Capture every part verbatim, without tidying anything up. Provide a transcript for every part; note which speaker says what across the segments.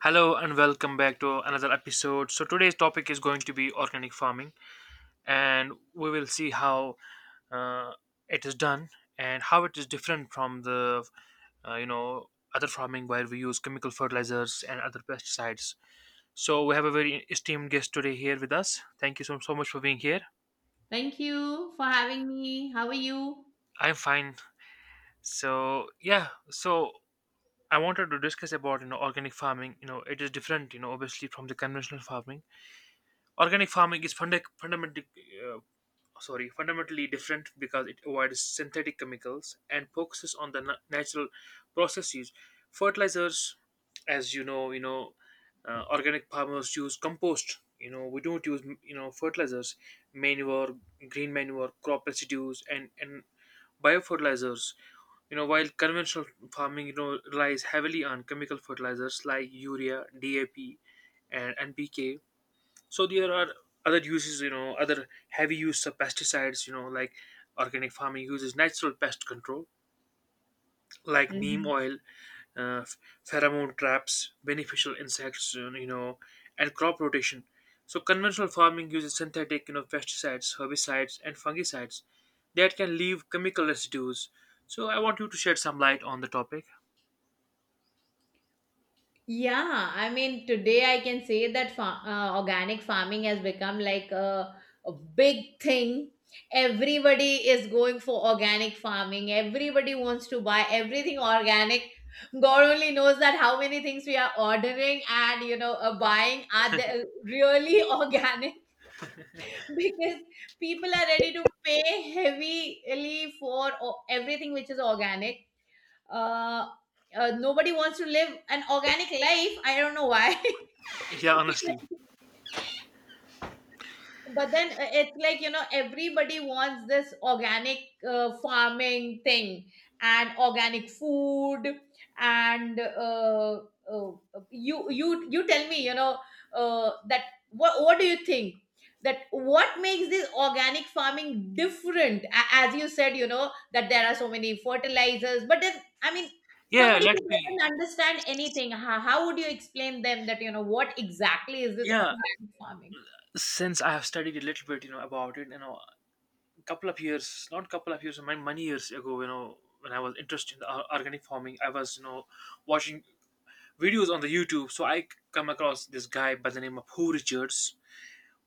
Speaker 1: Hello and welcome back to another episode. So today's topic is going to be organic farming, and we will see how uh, it is done and how it is different from the uh, you know other farming where we use chemical fertilizers and other pesticides. So we have a very esteemed guest today here with us. Thank you so so much for being here.
Speaker 2: Thank you for having me. How are you?
Speaker 1: I'm fine. So yeah, so I wanted to discuss about you know organic farming. You know it is different. You know obviously from the conventional farming, organic farming is funda- fundamentally sorry fundamentally different because it avoids synthetic chemicals and focuses on the na- natural processes. Fertilizers, as you know, you know uh, organic farmers use compost. You know we don't use you know fertilizers, manure, green manure, crop residues, and and biofertilizers, you know while conventional farming you know relies heavily on chemical fertilizers like urea, dap, and npk. So there are other uses, you know other heavy use of pesticides. You know like, organic farming uses natural pest control like neem
Speaker 2: Mhm.
Speaker 1: oil, uh, ph- pheromone traps, beneficial insects, uh, you know and crop rotation. So conventional farming uses synthetic, you know pesticides, herbicides, and fungicides that can leave chemical residues. So I want you to shed some light on the topic.
Speaker 2: Yeah, I mean, today I can say that fa- uh, organic farming has become like a, a big thing. Everybody is going for organic farming. Everybody wants to buy everything organic. God only knows that how many things we are ordering and you know uh, buying are they really organic because people are ready to pay heavily for o- everything which is organic. uh, uh, Nobody wants to live an organic life. I don't know why.
Speaker 1: Yeah, honestly.
Speaker 2: But then uh, it's like, you know, everybody wants this organic uh, farming thing and organic food and uh, uh, you you you tell me, you know, uh, that what what do you think? That what makes this organic farming different? A- As you said, you know, that there are so many fertilizers, but then I mean,
Speaker 1: Yeah,
Speaker 2: somebody
Speaker 1: let
Speaker 2: who
Speaker 1: me.
Speaker 2: doesn't understand anything, how, how would you explain them that, you know, what exactly is this
Speaker 1: Yeah,
Speaker 2: organic farming?
Speaker 1: since I have studied a little bit you know about it, you know couple of years, not couple of years, many, many years ago, you know, when I was interested in the or- organic farming, I was, you know, watching videos on the YouTube. So I come across this guy by the name of Who Richards,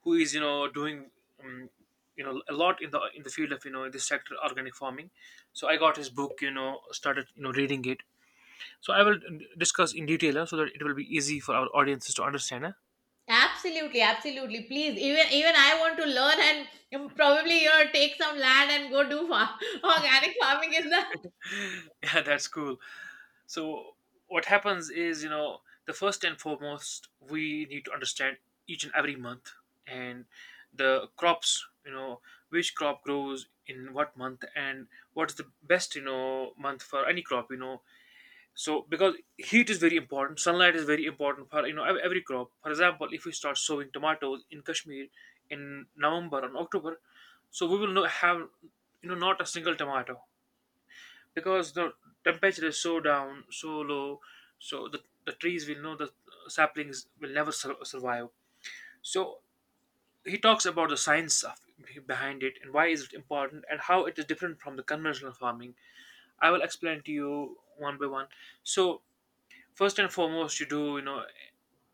Speaker 1: who is, you know, doing, um, you know, a lot in the in the field of, you know, this sector organic farming. So I got his book, you know, started, you know, reading it. So I will uh, discuss in detail uh, so that it will be easy for our audiences to understand. Huh?
Speaker 2: Absolutely, absolutely. Please, even even I want to learn and um, probably you know take some land and go do fa- organic farming in the.
Speaker 1: Yeah, that's cool. So what happens is, you know, the first and foremost, we need to understand each and every month and the crops, you know, which crop grows in what month and what's the best, you know, month for any crop, you know. So because heat is very important, sunlight is very important for you know ev- every crop. For example, if we start sowing tomatoes in Kashmir in November and October, so we will not have you know not a single tomato because the temperature is so down, so low, so the, the trees will know the saplings will never sur- survive. So he talks about the science of, behind it and why is it important and how it is different from the conventional farming. I will explain to you one by one. So first and foremost, you do you know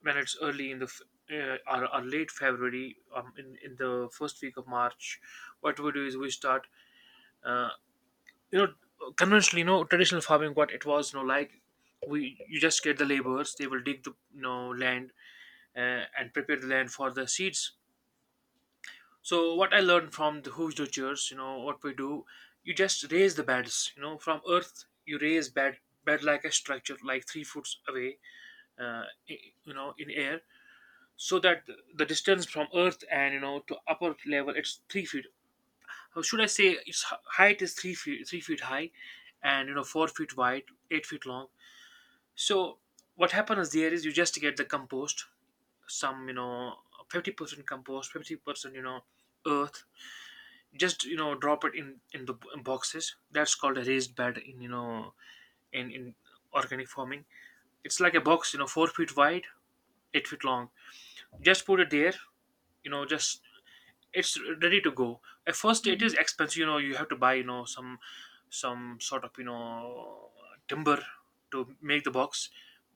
Speaker 1: when it's early in the f- uh, or, or late February, um, in in the first week of March, what we do is we start uh, you know, conventionally, you know traditional farming, what it was, you know, like we, you just get the laborers, they will dig the, you know, land uh, and prepare the land for the seeds. So what I learned from the huidochers, you know, what we do, you just raise the beds, you know, from earth. You raise bed bed like a structure, like three foot away, uh, i- you know, in air, so that the distance from earth and, you know, to upper level, it's three feet. How should I say, its h- height is three feet, three feet high, and you know, four feet wide, eight feet long. So what happens there is you just get the compost, some, you know, fifty percent compost, fifty percent, you know, earth. Just, you know, drop it in in the b- boxes. That's called a raised bed in, you know, in in organic farming. It's like a box, you know, four feet wide, eight feet long. Just put it there. You know, just, it's ready to go. At first it is
Speaker 2: Mhm,
Speaker 1: expensive, you know, you have to buy, you know, some some sort of, you know, timber to make the box.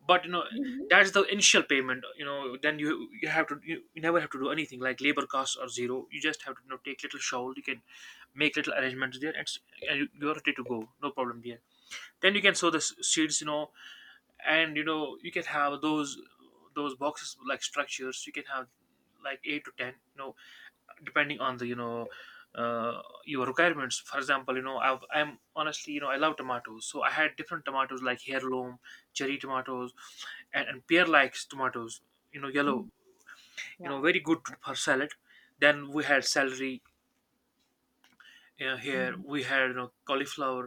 Speaker 1: But, you know,
Speaker 2: mhm,
Speaker 1: that's the initial payment, you know, then you you have to you, you never have to do anything, like labor costs are zero. You just have to, you know, take little shovel. You can make little arrangements there, and, s- and you- you're ready to go, no problem there. Then you can sow the s- seeds, you know, and you know, you can have those those boxes like structures. You can have like eight to ten, you know, depending on the, you know, uh, your requirements. For example, you know, I, I'm honestly, you know, I love tomatoes. So I had different tomatoes like heirloom cherry tomatoes, and, and pear like tomatoes, you know, yellow,
Speaker 2: mhm.
Speaker 1: you know,
Speaker 2: Wow.
Speaker 1: very good for salad. Then we had celery, uh, here
Speaker 2: Mhm.
Speaker 1: we had, you know, cauliflower.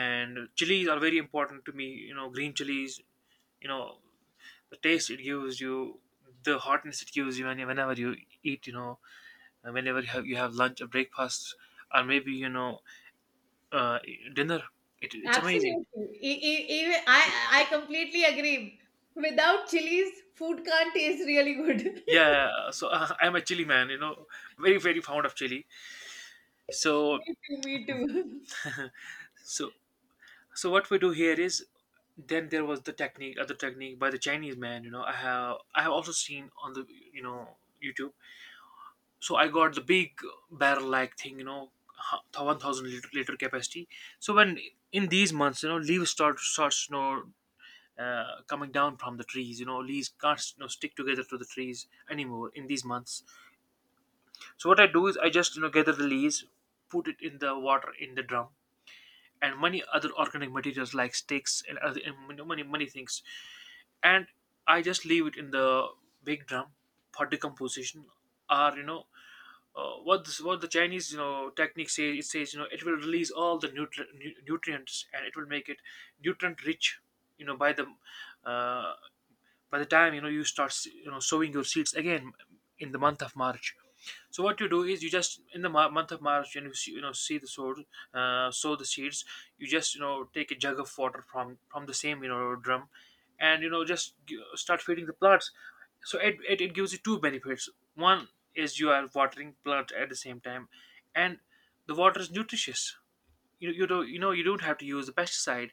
Speaker 1: And chilies are very important to me, you know, green chilies, you know, the taste it gives you, the hotness it gives you, when- whenever you eat, you know, whenever you have, you have lunch or breakfast, or maybe, you know, uh, dinner. It, it's amazing.
Speaker 2: Absolutely. E- e- even I I completely agree. Without chilies, food can't taste really good.
Speaker 1: Yeah, so uh, I'm a chili man, you know, very very fond of chili. So
Speaker 2: Me too. Me too.
Speaker 1: so so what we do here is, then there was the technique, other technique by the Chinese man. You know, I have I have also seen on the, you know, YouTube. So I got the big barrel like thing, you know, one thousand liter, liter capacity. So when in these months, you know, leaves start starts, you know, uh, coming down from the trees. You know, leaves can't, you know, stick together to the trees anymore in these months. So what I do is I just, you know, gather the leaves, put it in the water in the drum, and many other organic materials like sticks and other and many many many things, and I just leave it in the big drum for decomposition. Or, you know, uh, what this, what the Chinese, you know, technique say, it says, you know, it will release all the nutri- nu- nutrients and it will make it nutrient rich, you know, by the uh, by the time, you know, you start, you know, sowing your seeds again in the month of march. So what you do is you just, in the mo- month of March, when you see, you know, see the sow, uh, sow the seeds. You just, you know, take a jug of water from from the same, you know, drum, and you know, just g- start feeding the plants. So it, it it gives you two benefits. One is you are watering plants at the same time, and the water is nutritious. You you don't, you know, you don't have to use the pesticide.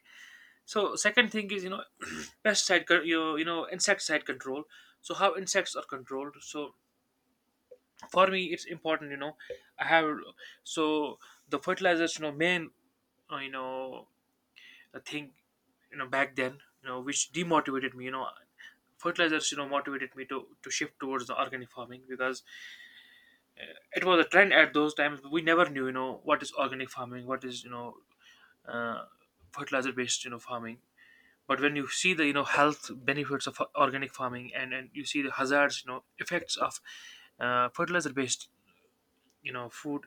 Speaker 1: So second thing is, you know, pesticide con- you know, you know, insecticide control. So how insects are controlled. So for me it's important, you know, I have. So the fertilizers, you know, main uh, you know, a thing, you know, back then, you know, which demotivated me, you know, fertilizers, you know, motivated me to to shift towards the organic farming because it was a trend at those times. We never knew, you know, what is organic farming, what is, you know, uh, fertilizer based, you know, farming. But when you see the, you know, health benefits of organic farming, and and you see the hazards, you know, effects of uh, fertilizer based, you know, food,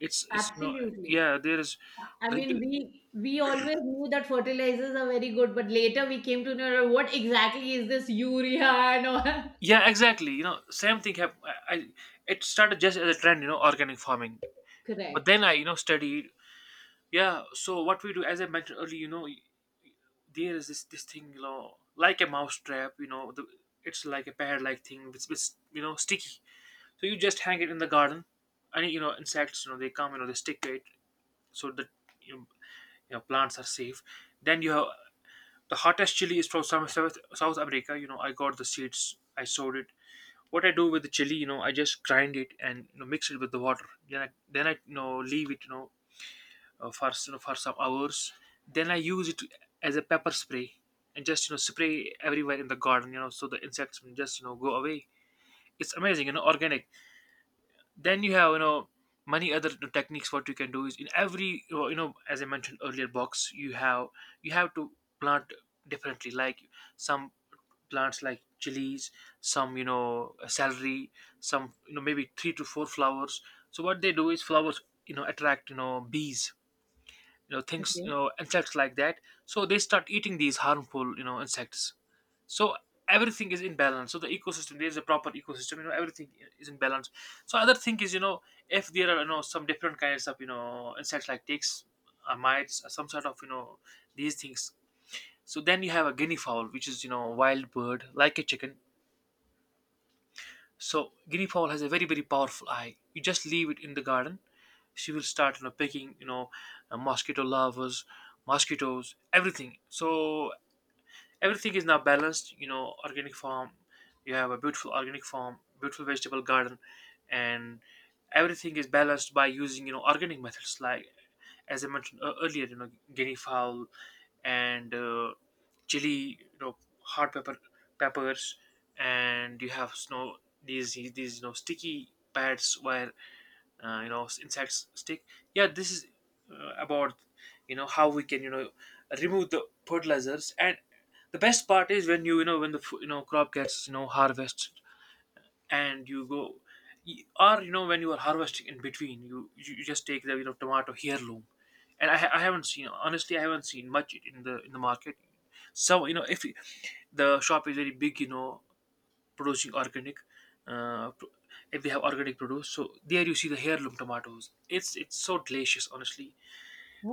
Speaker 1: it's it's you know.
Speaker 2: Absolutely.
Speaker 1: Yeah, there is.
Speaker 2: I
Speaker 1: The,
Speaker 2: mean, we we always knew that fertilizers are very good, but later we came to know what exactly is this urea and all.
Speaker 1: yeah, exactly, you know, same thing have I, I, it started just as a trend, you know, organic farming. But
Speaker 2: Correct.
Speaker 1: then I, you know, studied. Yeah, so what we do, as I mentioned earlier, you know, there is this this thing, you know, like a mouse trap, you know, the, it's like a pad like thing which is, you know, sticky. So you just hang it in the garden. And you know, insects, you know, they come, you know, they stick to it, so that you know, you know, plants are safe. Then you have the hottest chili is from South, South South America. You know, I got the seeds, I sowed it. What I do with the chili, you know, I just grind it and, you know, mix it with the water. Then I then I, you know, leave it, you know, uh, for s- you know, for some hours. Then I use it as a pepper spray and just, you know, spray everywhere in the garden, you know, so the insects will just, you know, go away. It's amazing, you know, organic. Then you have you know many other techniques. What you can do is, in every, you know as I mentioned earlier, box, you have you have to plant differently, like some plants like chilies, some you know celery, some you know maybe three to four flowers. So what they do is, flowers you know attract, you know bees, you know things, you
Speaker 2: Okay.
Speaker 1: know insects like that. So they start eating these harmful, you know insects. So everything is in balance. So the ecosystem, there is a proper ecosystem, you know everything is in balance. So other thing is, you know if there are, you know some different kinds of, you know insects like ticks or mites or some sort of, you know these things. So then you have a guinea fowl, which is, you know a wild bird, like a chicken. So guinea fowl has a very, very powerful eye. You just leave it in the garden, she will start you know picking, you know uh, mosquito larvas, mosquitoes, everything. So everything is now balanced. You know, organic farm. You have a beautiful organic farm, beautiful vegetable garden, and everything is balanced by using, you know organic methods, like as I mentioned ear- earlier. You know, guinea fowl, and uh, chili, you know, hot pepper peppers, and you have snow, these these you know sticky pads where, uh, you know insects stick. Yeah, this is, uh, about, you know how we can, you know remove the fertilizers, and the best part is, when you you know when the f- you know crop gets, you know harvest, and you go, or you know when you are harvesting, in between, you you you just take the, you know tomato heirloom. And I, ha- I haven't seen, honestly, I haven't seen much in the in the market. So, you know if you- the shop is very big, you know producing organic, uh, pro- if they have organic produce, so there you see the heirloom tomatoes, it's it's so delicious, honestly.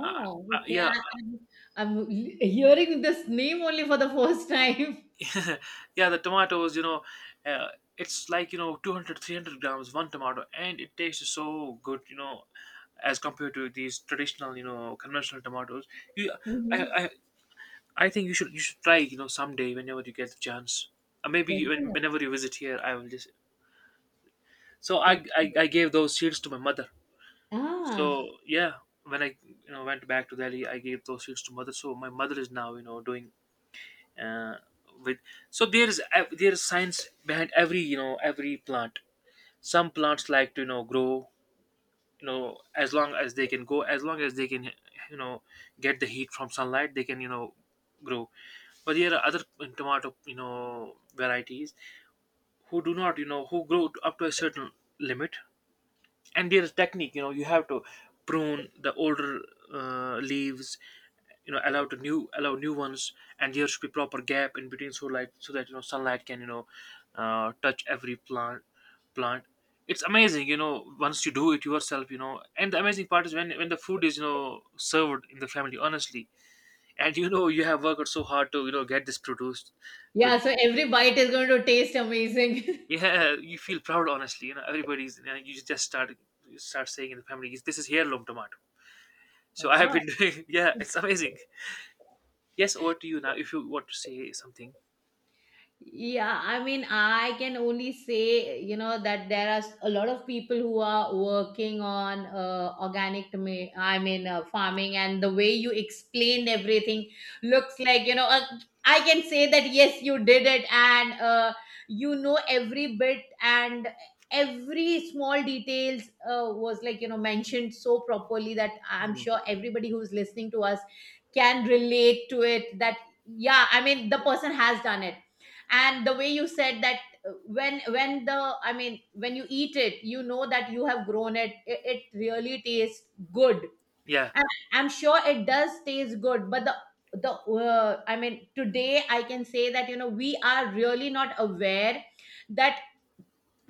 Speaker 1: uh, uh,
Speaker 2: okay.
Speaker 1: yeah.
Speaker 2: I, I'm, I'm l- hearing this name only for the first time.
Speaker 1: Yeah, the tomatoes, you know uh, it's like, you know two hundred, three hundred grams, one tomato, and it tastes so good, you know as compared to these traditional, you know conventional tomatoes. You
Speaker 2: Hmm.
Speaker 1: i i, I think you should, you should try, you know someday, whenever you get the chance, or maybe you- when,
Speaker 2: Definitely,
Speaker 1: whenever you visit here, I will just. So, I, I
Speaker 2: definitely.
Speaker 1: i gave those seeds to my mother.
Speaker 2: Ah,
Speaker 1: So yeah, when i you know went back to Delhi, I gave those seeds to mother. So my mother is now, you know doing, uh, with. So there is ev- there is science behind every, you know every plant. Some plants like to, you know grow, you know as long as they can go, as long as they can, you know get the heat from sunlight, they can, you know grow. But there are other tomato, you know varieties, who do not, you know who grow up to a certain limit. And there's technique, you know you have to prune the older, uh, leaves, you know allow to new, allow new ones. And there should be proper gap in between, so, like so that, you know sunlight can, you know uh, touch every plant, plant it's amazing, you know once you do it yourself, you know and the amazing part is when, when the food is, you know served in the family, honestly, and you know you have worked so hard to, you know get this produced to.
Speaker 2: yeah. So every bite is going to taste amazing.
Speaker 1: Yeah, you feel proud, honestly. you know everybody's, you, know, you just start, you start saying in the family, this is heirloom tomato. So I have
Speaker 2: Oh.
Speaker 1: been doing, yeah, it's amazing. Yes, over to you now if you want to say something.
Speaker 2: Yeah, I mean, I can only say, you know, that there are a lot of people who are working on uh, organic, ma- I mean, uh, farming, and the way you explained everything looks like, you know, uh, I can say that yes, you did it, and uh, you know every bit and every small details uh, was like, you know, mentioned so properly that I'm
Speaker 1: Mhm.
Speaker 2: sure everybody who's listening to us can relate to it. That yeah, I mean, the person has done it and the way you said that uh, when when the i mean when you eat it you know that you have grown it, it, it really tastes good.
Speaker 1: Yeah.
Speaker 2: And I'm sure it does taste good, but the the uh, I mean today I can say that you know we are really not aware that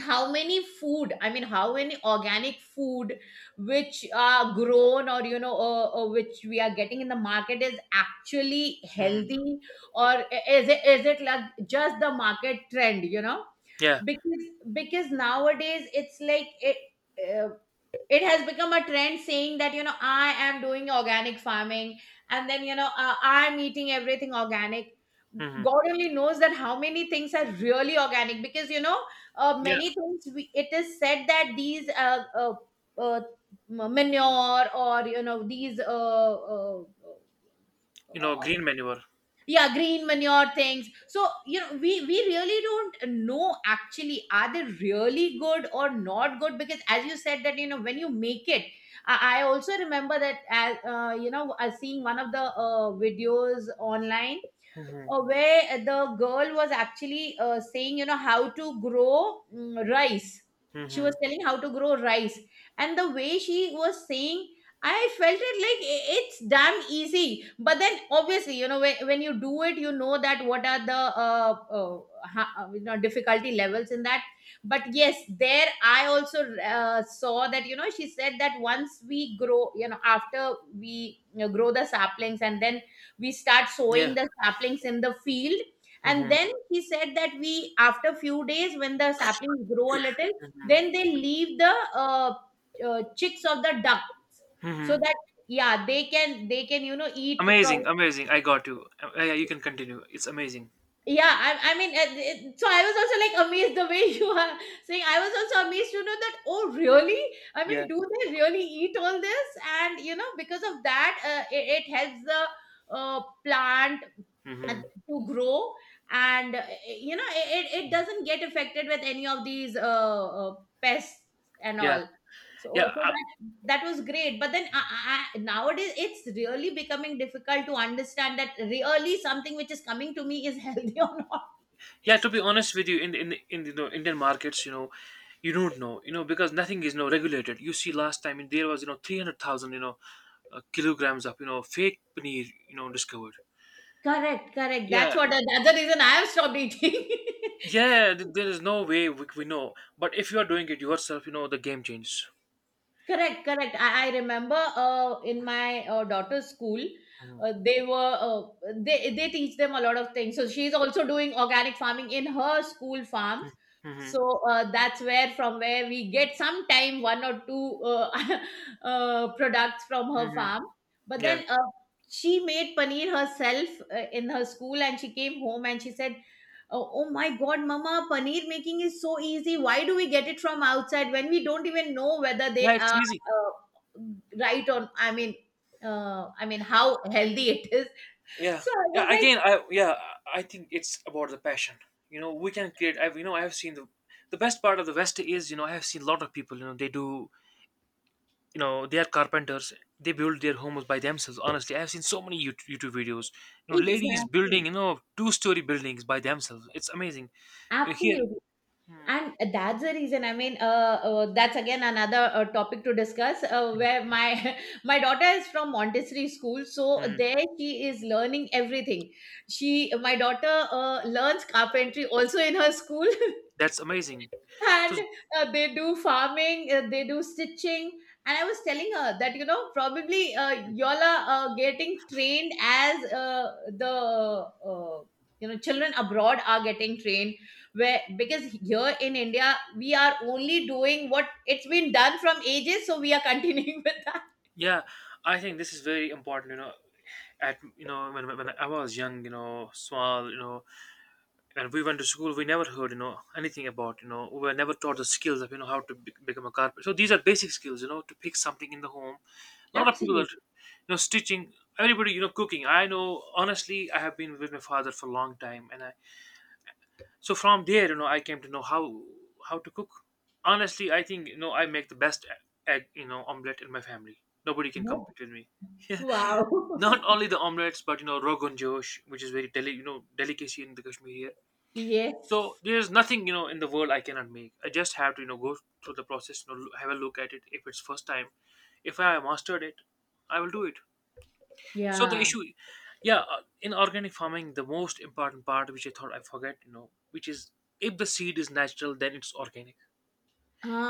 Speaker 2: how many food i mean how many organic food which are grown or you know uh, uh, which we are getting in the market is actually
Speaker 1: Hmm.
Speaker 2: healthy or is it is it like just the market trend, you know,
Speaker 1: Yeah.
Speaker 2: because because nowadays it's like it, uh, it has become a trend saying that you know I am doing organic farming, and then you know uh, I'm eating everything organic.
Speaker 1: Hmm.
Speaker 2: God only knows that how many things are really organic because you know uh,
Speaker 1: Yeah,
Speaker 2: many things we, it is said that these uh, uh, uh, manure or you know these uh, uh,
Speaker 1: you know,
Speaker 2: uh,
Speaker 1: green manure.
Speaker 2: yeah green manure things. So you know we we really don't know actually are they really good or not good because as you said that you know when you make it, i, I also remember that as uh, you know uh, seeing one of the uh, videos online, uh, where the girl was actually uh, saying, you know, how to grow mm, rice. She was
Speaker 1: Hmm.
Speaker 2: telling how to grow rice, and the way she was saying, I felt it like i- it's damn easy. But then, obviously, you know, when, when you do it, you know that what are the uh, uh, ha- uh, you know difficulty levels in that. But yes, there I also uh, saw that you know she said that once we grow, you know, after we you know grow the saplings and then we start sowing
Speaker 1: Yeah.
Speaker 2: the saplings in the field, and
Speaker 1: Hmm.
Speaker 2: then he said that we after few days when the saplings grow a little, then they leave the uh, uh, chicks of the ducks so
Speaker 1: Hmm.
Speaker 2: that yeah they can they can you know eat from.
Speaker 1: Amazing, amazing. I got you. Uh, yeah, you can continue. It's amazing.
Speaker 2: Yeah, i, I mean it, it- so I was also like amazed the way you are saying. I was also amazed to know that oh really, I mean
Speaker 1: Yeah.
Speaker 2: do they really eat all this, and you know because of that uh, it, it helps the uh, plant uh,
Speaker 1: Hmm.
Speaker 2: to grow, and uh, you know it, it it doesn't get affected with any of these uh, uh, pests and
Speaker 1: Yeah.
Speaker 2: all. So
Speaker 1: Yeah.
Speaker 2: also
Speaker 1: Uh,
Speaker 2: that that was great, but then I, I, I- nowadays it's really becoming difficult to understand that really something which is coming to me is healthy or not.
Speaker 1: yeah. To be honest with you, in in in you know, Indian markets, you know, you don't know, you know, because nothing is no regulated. You see, last time, in there was, you know three hundred thousand, you know, uh, kilograms of, you know fake paneer, you know, discovered.
Speaker 2: Correct, correct. That's
Speaker 1: Yeah.
Speaker 2: what, that's the reason I have stopped eating.
Speaker 1: Yeah, th- there is no way we, we know. But if you are doing it yourself, you know the game changes.
Speaker 2: Correct, correct. I, I remember uh, in my uh, daughter's school,
Speaker 1: Mhm.
Speaker 2: uh, they were uh, they they teach them a lot of things. So she's also doing organic farming in her school farms.
Speaker 1: Hmm.
Speaker 2: So uh, that's where from where we get sometime one or two uh, uh, products from her
Speaker 1: Hmm.
Speaker 2: farm. But
Speaker 1: Yeah.
Speaker 2: then uh, she made paneer herself uh, in her school, and she came home and she said, oh, oh my God, Mama, paneer making is so easy. Why do we get it from outside when we don't even know whether they
Speaker 1: Yeah, it's
Speaker 2: are
Speaker 1: easy.
Speaker 2: uh, right or I mean, uh, I mean how healthy it is.
Speaker 1: Yeah.
Speaker 2: So I
Speaker 1: Yeah.
Speaker 2: was like,
Speaker 1: Again, I yeah, I I think it's about the passion. You know, we can create. I've you know I have seen the the best part of the West is, you know I have seen a lot of people. You know they do. You know they are carpenters. They build their homes by themselves. Honestly, I have seen so many YouTube, YouTube videos. You know, ladies
Speaker 2: exactly,
Speaker 1: building, you know two story buildings by themselves. It's amazing. Uh, Here.
Speaker 2: absolutely. And that's the reason. I mean, uh, uh, that's again another uh, topic to discuss. Uh, where my my daughter is from Montessori school, so
Speaker 1: Mhm.
Speaker 2: there she is learning everything. She, my daughter, uh, learns carpentry also in her school.
Speaker 1: That's amazing. So.
Speaker 2: And uh, they do farming, uh, they do stitching, and I was telling her that you know probably uh, y'all are uh, getting trained as uh, the uh, you know children abroad are getting trained, where because here in India we are only doing what it's been done from ages, so we are continuing with that.
Speaker 1: Yeah, I think this is very important. You know, at, you know when, when I was young, you know, small, you know, when we went to school, we never heard, you know anything about, you know we were never taught the skills of, you know how to be- become a carpenter. So these are basic skills, you know, to pick something in the home. A lot of people are,
Speaker 2: Absolutely.
Speaker 1: you know stitching, everybody, you know cooking. I know, honestly, I have been with my father for a long time, and I, so from there, you know I came to know how, how to cook. Honestly, I think, you know I make the best, e-, egg, you know omelette in my family. Nobody can
Speaker 2: No.
Speaker 1: compete with me.
Speaker 2: Wow.
Speaker 1: Not only the omelets, but you know rogan josh, which is very deli- you know delicacy in the Kashmir here.
Speaker 2: Yes.
Speaker 1: So there's nothing, you know in the world I cannot make. I just have to, you know go through the process, you know have a look at it, if it's first time, if I mastered it, I will do it. So the
Speaker 2: Yeah.
Speaker 1: issue, yeah, uh, in organic farming, the most important part, which I thought I forget, you know which is, if the seed is natural, then it's organic.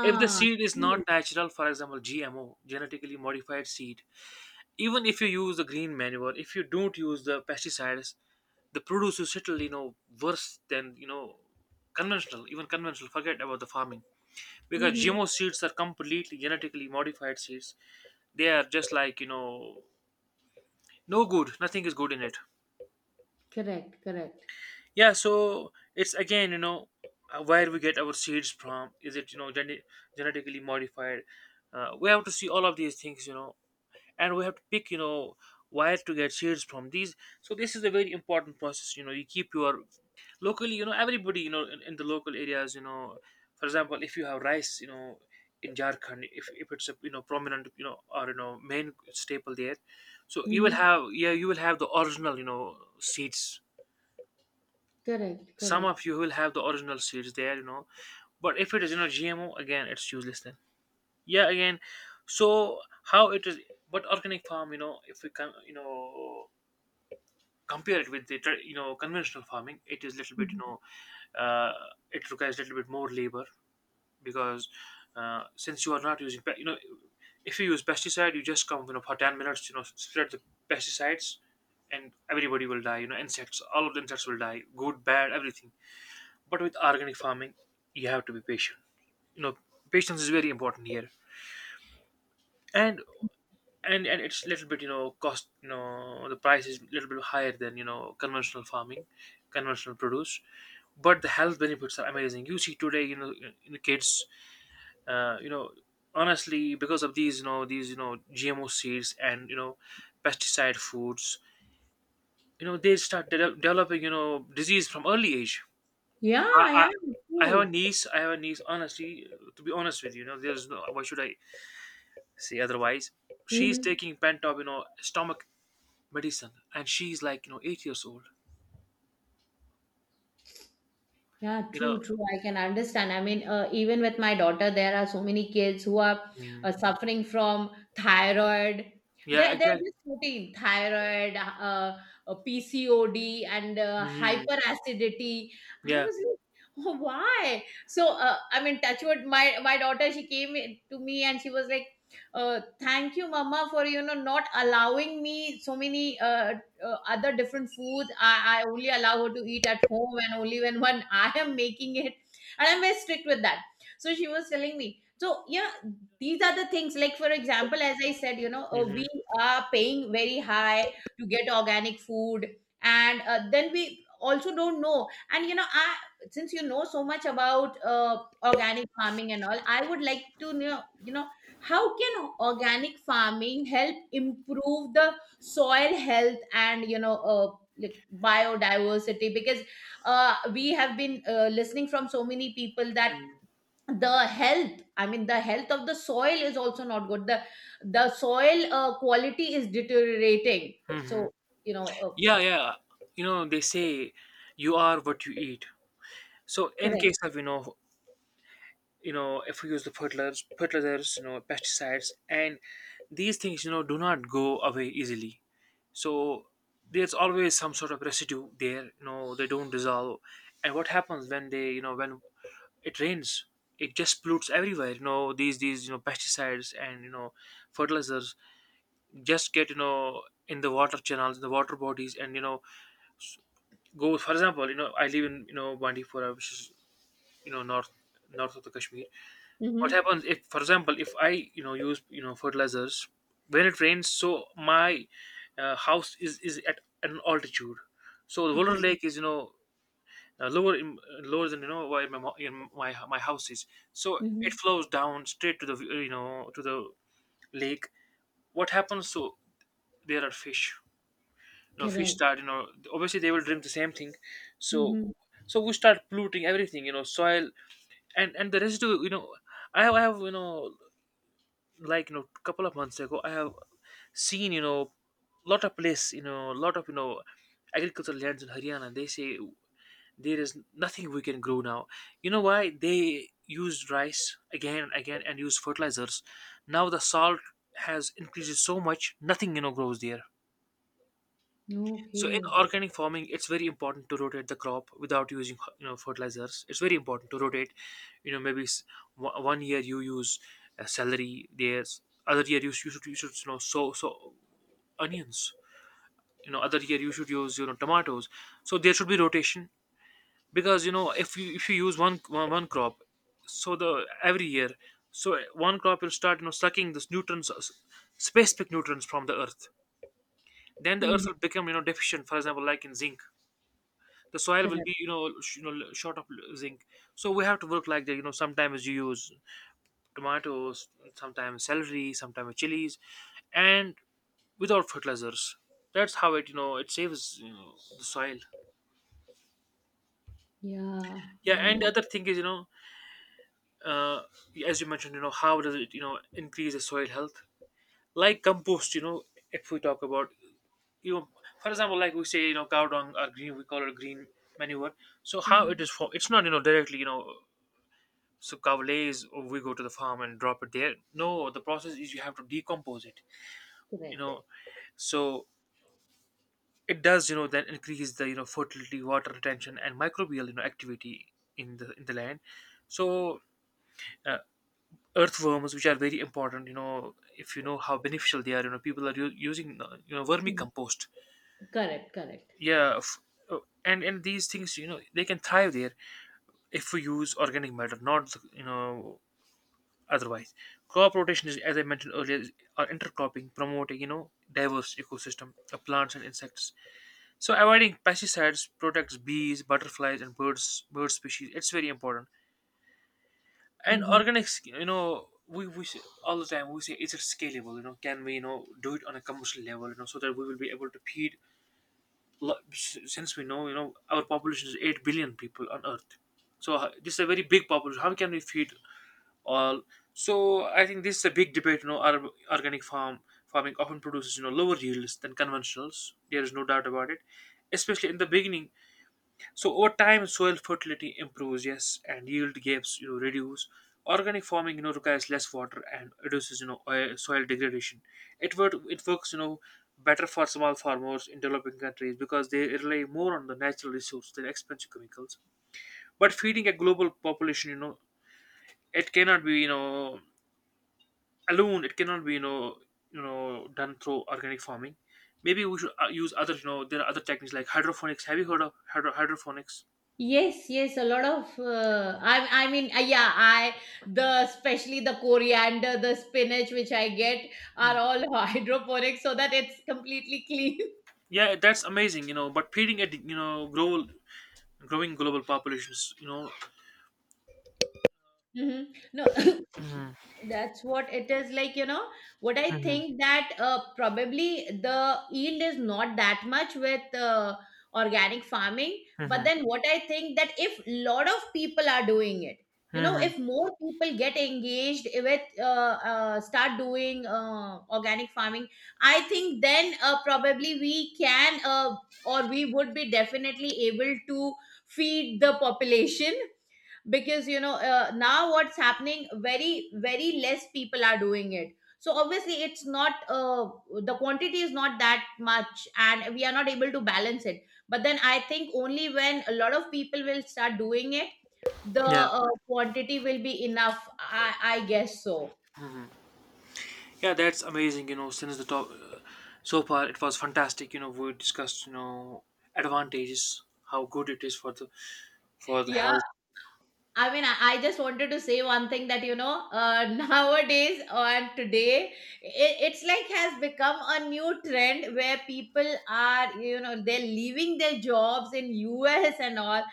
Speaker 1: If the seed is not natural, for example, GMO, genetically modified seed, even if you use the green manure, if you don't use the pesticides, the produce is little, you know worse than, you know conventional. Even conventional, forget about the farming. Because
Speaker 2: Mm-hmm.
Speaker 1: GMO seeds are completely genetically modified seeds. They are just like, you know no good, nothing is good in it.
Speaker 2: Correct, correct.
Speaker 1: Yeah, so it's again, you know uh, where we get our seeds from, is it, you know gene- genetically modified? uh, we have to see all of these things, you know and we have to pick, you know where to get shades from these. So this is a very important process. You know you keep your, locally, you know everybody, you know in, in the local areas, you know for example, if you have rice, you know in Jharkhand, if, if it's a, you know prominent, you know or, you know main staple there, so you will
Speaker 2: Mm-hmm.
Speaker 1: have, yeah, you will have the original, you know seeds.
Speaker 2: Correct,
Speaker 1: Some
Speaker 2: correct.
Speaker 1: of you will have the original seeds there you know But if it is, you know G M O, again, it's useless then. Yeah, again, so how it is. But organic farm, you know if we can, you know compare it with the, tra- you know conventional farming, it is little bit, you know uh, it requires a little bit more labor, because, uh, since you are not using, pe- you know if you use pesticide, you just come, you know for ten minutes, you know spread the pesticides, and everybody will die, you know insects, all of the insects will die, good, bad, everything. But with organic farming, you have to be patient, you know patience is very important here. And, and and it's little bit, you know cost, you know the price is little bit higher than, you know conventional farming, conventional produce. But the health benefits are amazing. You see today, you know in the kids, uh, you know honestly, because of these, you know these, you know GMO seeds, and, you know pesticide foods, you know they start de- developing, you know disease from early age.
Speaker 2: Yeah,
Speaker 1: I,
Speaker 2: I
Speaker 1: I
Speaker 2: yeah,
Speaker 1: i have a
Speaker 2: true.
Speaker 1: niece, i have a niece honestly, to be honest with you, you know there's no, why should I say otherwise, she's
Speaker 2: Hmm.
Speaker 1: taking pentop, you know stomach medicine, and she's like, you know eight years old.
Speaker 2: Yeah,
Speaker 1: You
Speaker 2: true,
Speaker 1: know.
Speaker 2: true. I can understand. I mean, uh, even with my daughter, there are so many kids who are uh,
Speaker 1: Mm.
Speaker 2: suffering from thyroid.
Speaker 1: Yeah,
Speaker 2: They're, they're
Speaker 1: exactly.
Speaker 2: just routine thyroid, uh, uh, P C O D, and uh,
Speaker 1: Hmm.
Speaker 2: hyperacidity. I
Speaker 1: Yeah.
Speaker 2: was like, oh, why? So, uh, I mean, touch wood, my, my daughter, she came in to me and she was like, uh, thank you, mama, for, you know, not allowing me so many uh, uh, other different foods. I, I only allow her to eat at home and only when when I am making it, and I'm very strict with that. So she was telling me. So yeah, these are the things, like for example as I said you know uh,
Speaker 1: Hmm.
Speaker 2: we are paying very high to get organic food, and uh, then we also don't know. And you know I, since you know so much about uh, organic farming and all, I would like to know you know how can organic farming help improve the soil health and you know uh, like biodiversity, because uh, we have been uh, listening from so many people that the health i mean the health of the soil is also not good, the the soil uh, quality is deteriorating.
Speaker 1: Hmm.
Speaker 2: So you know uh,
Speaker 1: Yeah, yeah. You know, they say you are what you eat. So in
Speaker 2: correct.
Speaker 1: case of, you know, you know, if we use the fertilizers, fertilizers, you know, pesticides, and these things, you know, do not go away easily. So there's always some sort of residue there. You know, they don't dissolve. And what happens when they, you know, when it rains, it just pollutes everywhere. You know these these you know pesticides and you know fertilizers just get you know in the water channels, in the water bodies. And you know Go, for example, you know I live in, you know Bandipora, which is, you know north north of the Kashmir. What
Speaker 2: Mm-hmm.
Speaker 1: happens if, for example, if I, you know use, you know fertilizers when it rains? So my uh, house is is at an altitude, so the Volta
Speaker 2: Okay.
Speaker 1: lake is, you know uh, lower in, lower than, you know where my, mo- in my my house is. So it
Speaker 2: Mm-hmm.
Speaker 1: flows down straight to the, uh, you know to the lake. What happens? So there are fish, you know fish
Speaker 2: Correct.
Speaker 1: that, you know obviously they will drink the same thing. so
Speaker 2: Mm-hmm.
Speaker 1: so we start polluting everything, you know soil. And and the residue, you know i have, I have, you know like you know couple of months ago, I have seen, you know lot of place, you know lot of you know agricultural lands in Haryana. They say there is nothing we can grow now. You know why? They used rice again and again and used fertilizers. Now the salt has increased so much, nothing you know grows there. So in
Speaker 2: Okay.
Speaker 1: organic farming, it's very important to rotate the crop without using you know fertilizers. It's very important to rotate. You know maybe s- o- one year you use uh, celery, there's other year you, sh- you should you should you know sow so onions. You know other year you should use, you know tomatoes. So there should be rotation, because, you know if you if you use one one one crop, so the every year, so one crop will start, you know sucking this nutrients, uh, s- specific nutrients from the earth. Then the earth
Speaker 2: Hmm.
Speaker 1: will become, you know deficient, for example, like in zinc. The soil will
Speaker 2: Correct.
Speaker 1: be, you know sh- you know l- short of l- zinc. So we have to work like that, you know sometimes you use tomatoes, sometimes celery, sometimes chilies, and without fertilizers. That's how it you know it saves, you know the soil.
Speaker 2: Yeah.
Speaker 1: Yeah,
Speaker 2: Mm-hmm.
Speaker 1: and the other thing is, you know uh, as you mentioned, you know, how does it, you know, increase the soil health? Like compost, you know, if we talk about, you know, for example, like we say, you know, cow dung or green, we call it green manure. So how it is for? It's not, you know, directly, you know, so cow lays, or we go to the farm and drop it there. No, the process is you have to decompose it. You
Speaker 2: Correct.
Speaker 1: know, so it does, you know, then increase the, you know, fertility, water retention, and microbial, you know, activity in the in the land. So. Uh, Earthworms, which are very important, you know if you know how beneficial they are. You know people are u- using uh, you know
Speaker 2: Mm,
Speaker 1: vermicompost.
Speaker 2: correct, correct.
Speaker 1: yeah f- uh, and and these things, you know they can thrive there if we use organic matter, not, you know otherwise. Crop rotation, is as I mentioned earlier, is- or intercropping, promoting, you know diverse ecosystem of plants and insects, so avoiding pesticides protects bees, butterflies, and birds, bird species. It's very important. And
Speaker 2: Mm-hmm.
Speaker 1: organic, sc- you know we, we say, all the time we say, is it scalable? You know can we, you know do it on a commercial level, you know so that we will be able to feed, lo- s- since we know, you know our population is 8 billion people on earth. So h- this is a very big population. How can we feed all? So I think this is a big debate. You know our organic farm farming often produces, you know lower yields than conventionals. There is no doubt about it, especially in the beginning. So over time, soil fertility improves, yes, and yield gaps, you know, reduce. Organic farming, you know, requires less water and reduces, you know, oil, soil degradation. It work, it works, you know, better for small farmers in developing countries because they rely more on the natural resource than expensive chemicals. But feeding a global population, you know, it cannot be, you know, alone. It cannot be, you know, you know, done through organic farming. Maybe we should uh, use other, you know, there are other techniques like hydroponics. Have you heard of hydro- hydroponics?
Speaker 2: Yes, yes, a lot of. Uh, I, I mean, uh, yeah, I, the especially the coriander, the spinach which I get are all hydroponic, so that it's completely clean.
Speaker 1: Yeah, that's amazing, you know. But feeding it, you know, grow, growing global populations, you know.
Speaker 2: Hmm. No,
Speaker 1: Hmm.
Speaker 2: that's what it is like, you know, what I
Speaker 1: Hmm.
Speaker 2: think that uh, probably the yield is not that much with uh, organic farming, but
Speaker 1: Hmm.
Speaker 2: then what I think that if lot of people are doing it, you know,
Speaker 1: Hmm.
Speaker 2: if more people get engaged with uh, uh, start doing uh, organic farming, I think then uh, probably we can uh, or we would be definitely able to feed the population, because you know uh, now what's happening, very very less people are doing it, so obviously it's not uh, the quantity is not that much, and we are not able to balance it. But then I think only when a lot of people will start doing it, the
Speaker 1: Yeah.
Speaker 2: uh, quantity will be enough, i i guess so.
Speaker 1: Yeah, that's amazing, you know. Since the top, uh, so far it was fantastic, you know. We discussed, you know, advantages, how good it is for the for the
Speaker 2: Yeah,
Speaker 1: health.
Speaker 2: I mean, I, I just wanted to say one thing that you know, uh, nowadays and today, it, it's like has become a new trend where people are, you know, they're leaving their jobs in U S and all,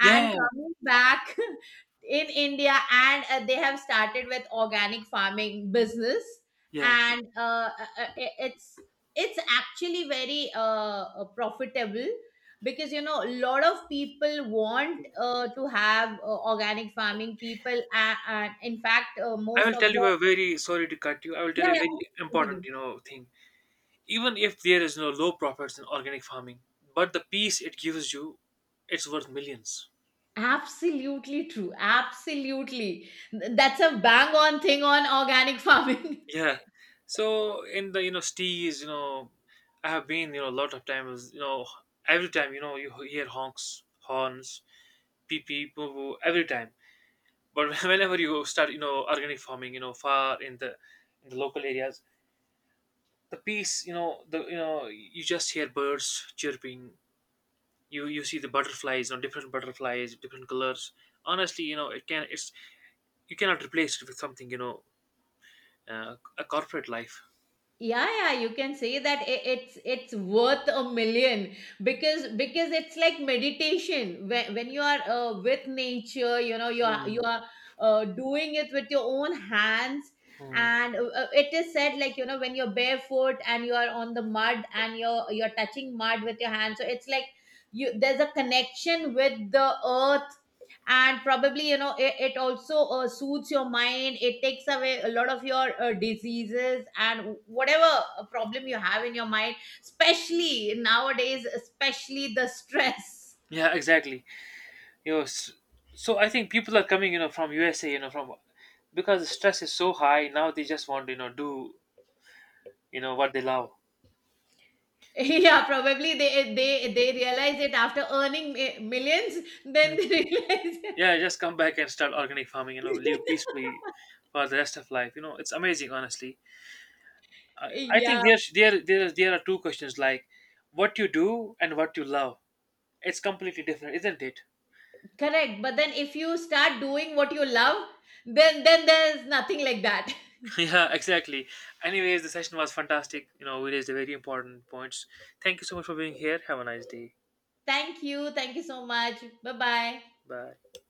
Speaker 1: Yeah, yeah, yeah.
Speaker 2: coming back in India, and uh, they have started with organic farming business,
Speaker 1: Yeah.
Speaker 2: and uh, uh, uh, it's it's actually very uh, uh, profitable, because you know a lot of people want uh, to have uh, organic farming people uh, uh, in fact uh,
Speaker 1: I
Speaker 2: most
Speaker 1: will
Speaker 2: of
Speaker 1: tell you
Speaker 2: the
Speaker 1: a very, sorry to cut you. I will tell
Speaker 2: yeah,
Speaker 1: you a
Speaker 2: yeah
Speaker 1: very
Speaker 2: continue.
Speaker 1: important, you know, thing. Even if there is no low profits in organic farming, but the peace it gives you, it's worth millions.
Speaker 2: Absolutely true, absolutely. Th- that's a bang on thing on organic farming.
Speaker 1: Yeah. So in the, you know stees, you know, I have been, you know a lot of times. You know, every time, you know you hear honks, horns, pee pee, boo boo, every time. But whenever you start, you know organic farming, you know far in the in the local areas, the peace, you know the you know you just hear birds chirping. You you see the butterflies, you know different butterflies, different colors. Honestly, you know it can it's you cannot replace it with something, you know uh, a corporate life.
Speaker 2: Yeah, yeah, you can say that i- it's it's worth a million, because because it's like meditation when, when you are uh, with nature, you know you are you
Speaker 1: Mm,
Speaker 2: are uh, doing it with your own hands,
Speaker 1: mm.
Speaker 2: and uh, uh, it is said like you know when you're barefoot and you are on the mud and you're you're touching mud with your hands, so it's like you there's a connection with the earth, and probably you know it, it also uh, soothes your mind, it takes away a lot of your uh, diseases and whatever uh, problem you have in your mind, especially nowadays, especially the stress.
Speaker 1: Yeah, exactly. you know s- so I think people are coming, you know from USA, you know from because the stress is so high now. They just want to, you know do, you know what they love.
Speaker 2: Yeah, probably they they they realize it after earning mi- millions,
Speaker 1: Hmm.
Speaker 2: then they realize
Speaker 1: Yeah, just come back and start organic farming, you know live
Speaker 2: it.
Speaker 1: peacefully for the rest of life. You know it's amazing, honestly. i, I
Speaker 2: Yeah,
Speaker 1: think there, there, there there are two questions, like what you do and what you love. It's completely different, isn't it?
Speaker 2: correct. But then if you start doing what you love, then then there's nothing like that.
Speaker 1: Yeah, exactly. Anyways, the session was fantastic. You know we raised the very important points. Thank you so much for being here. Have a nice day.
Speaker 2: Thank you, thank you so much. Bye bye.
Speaker 1: Bye.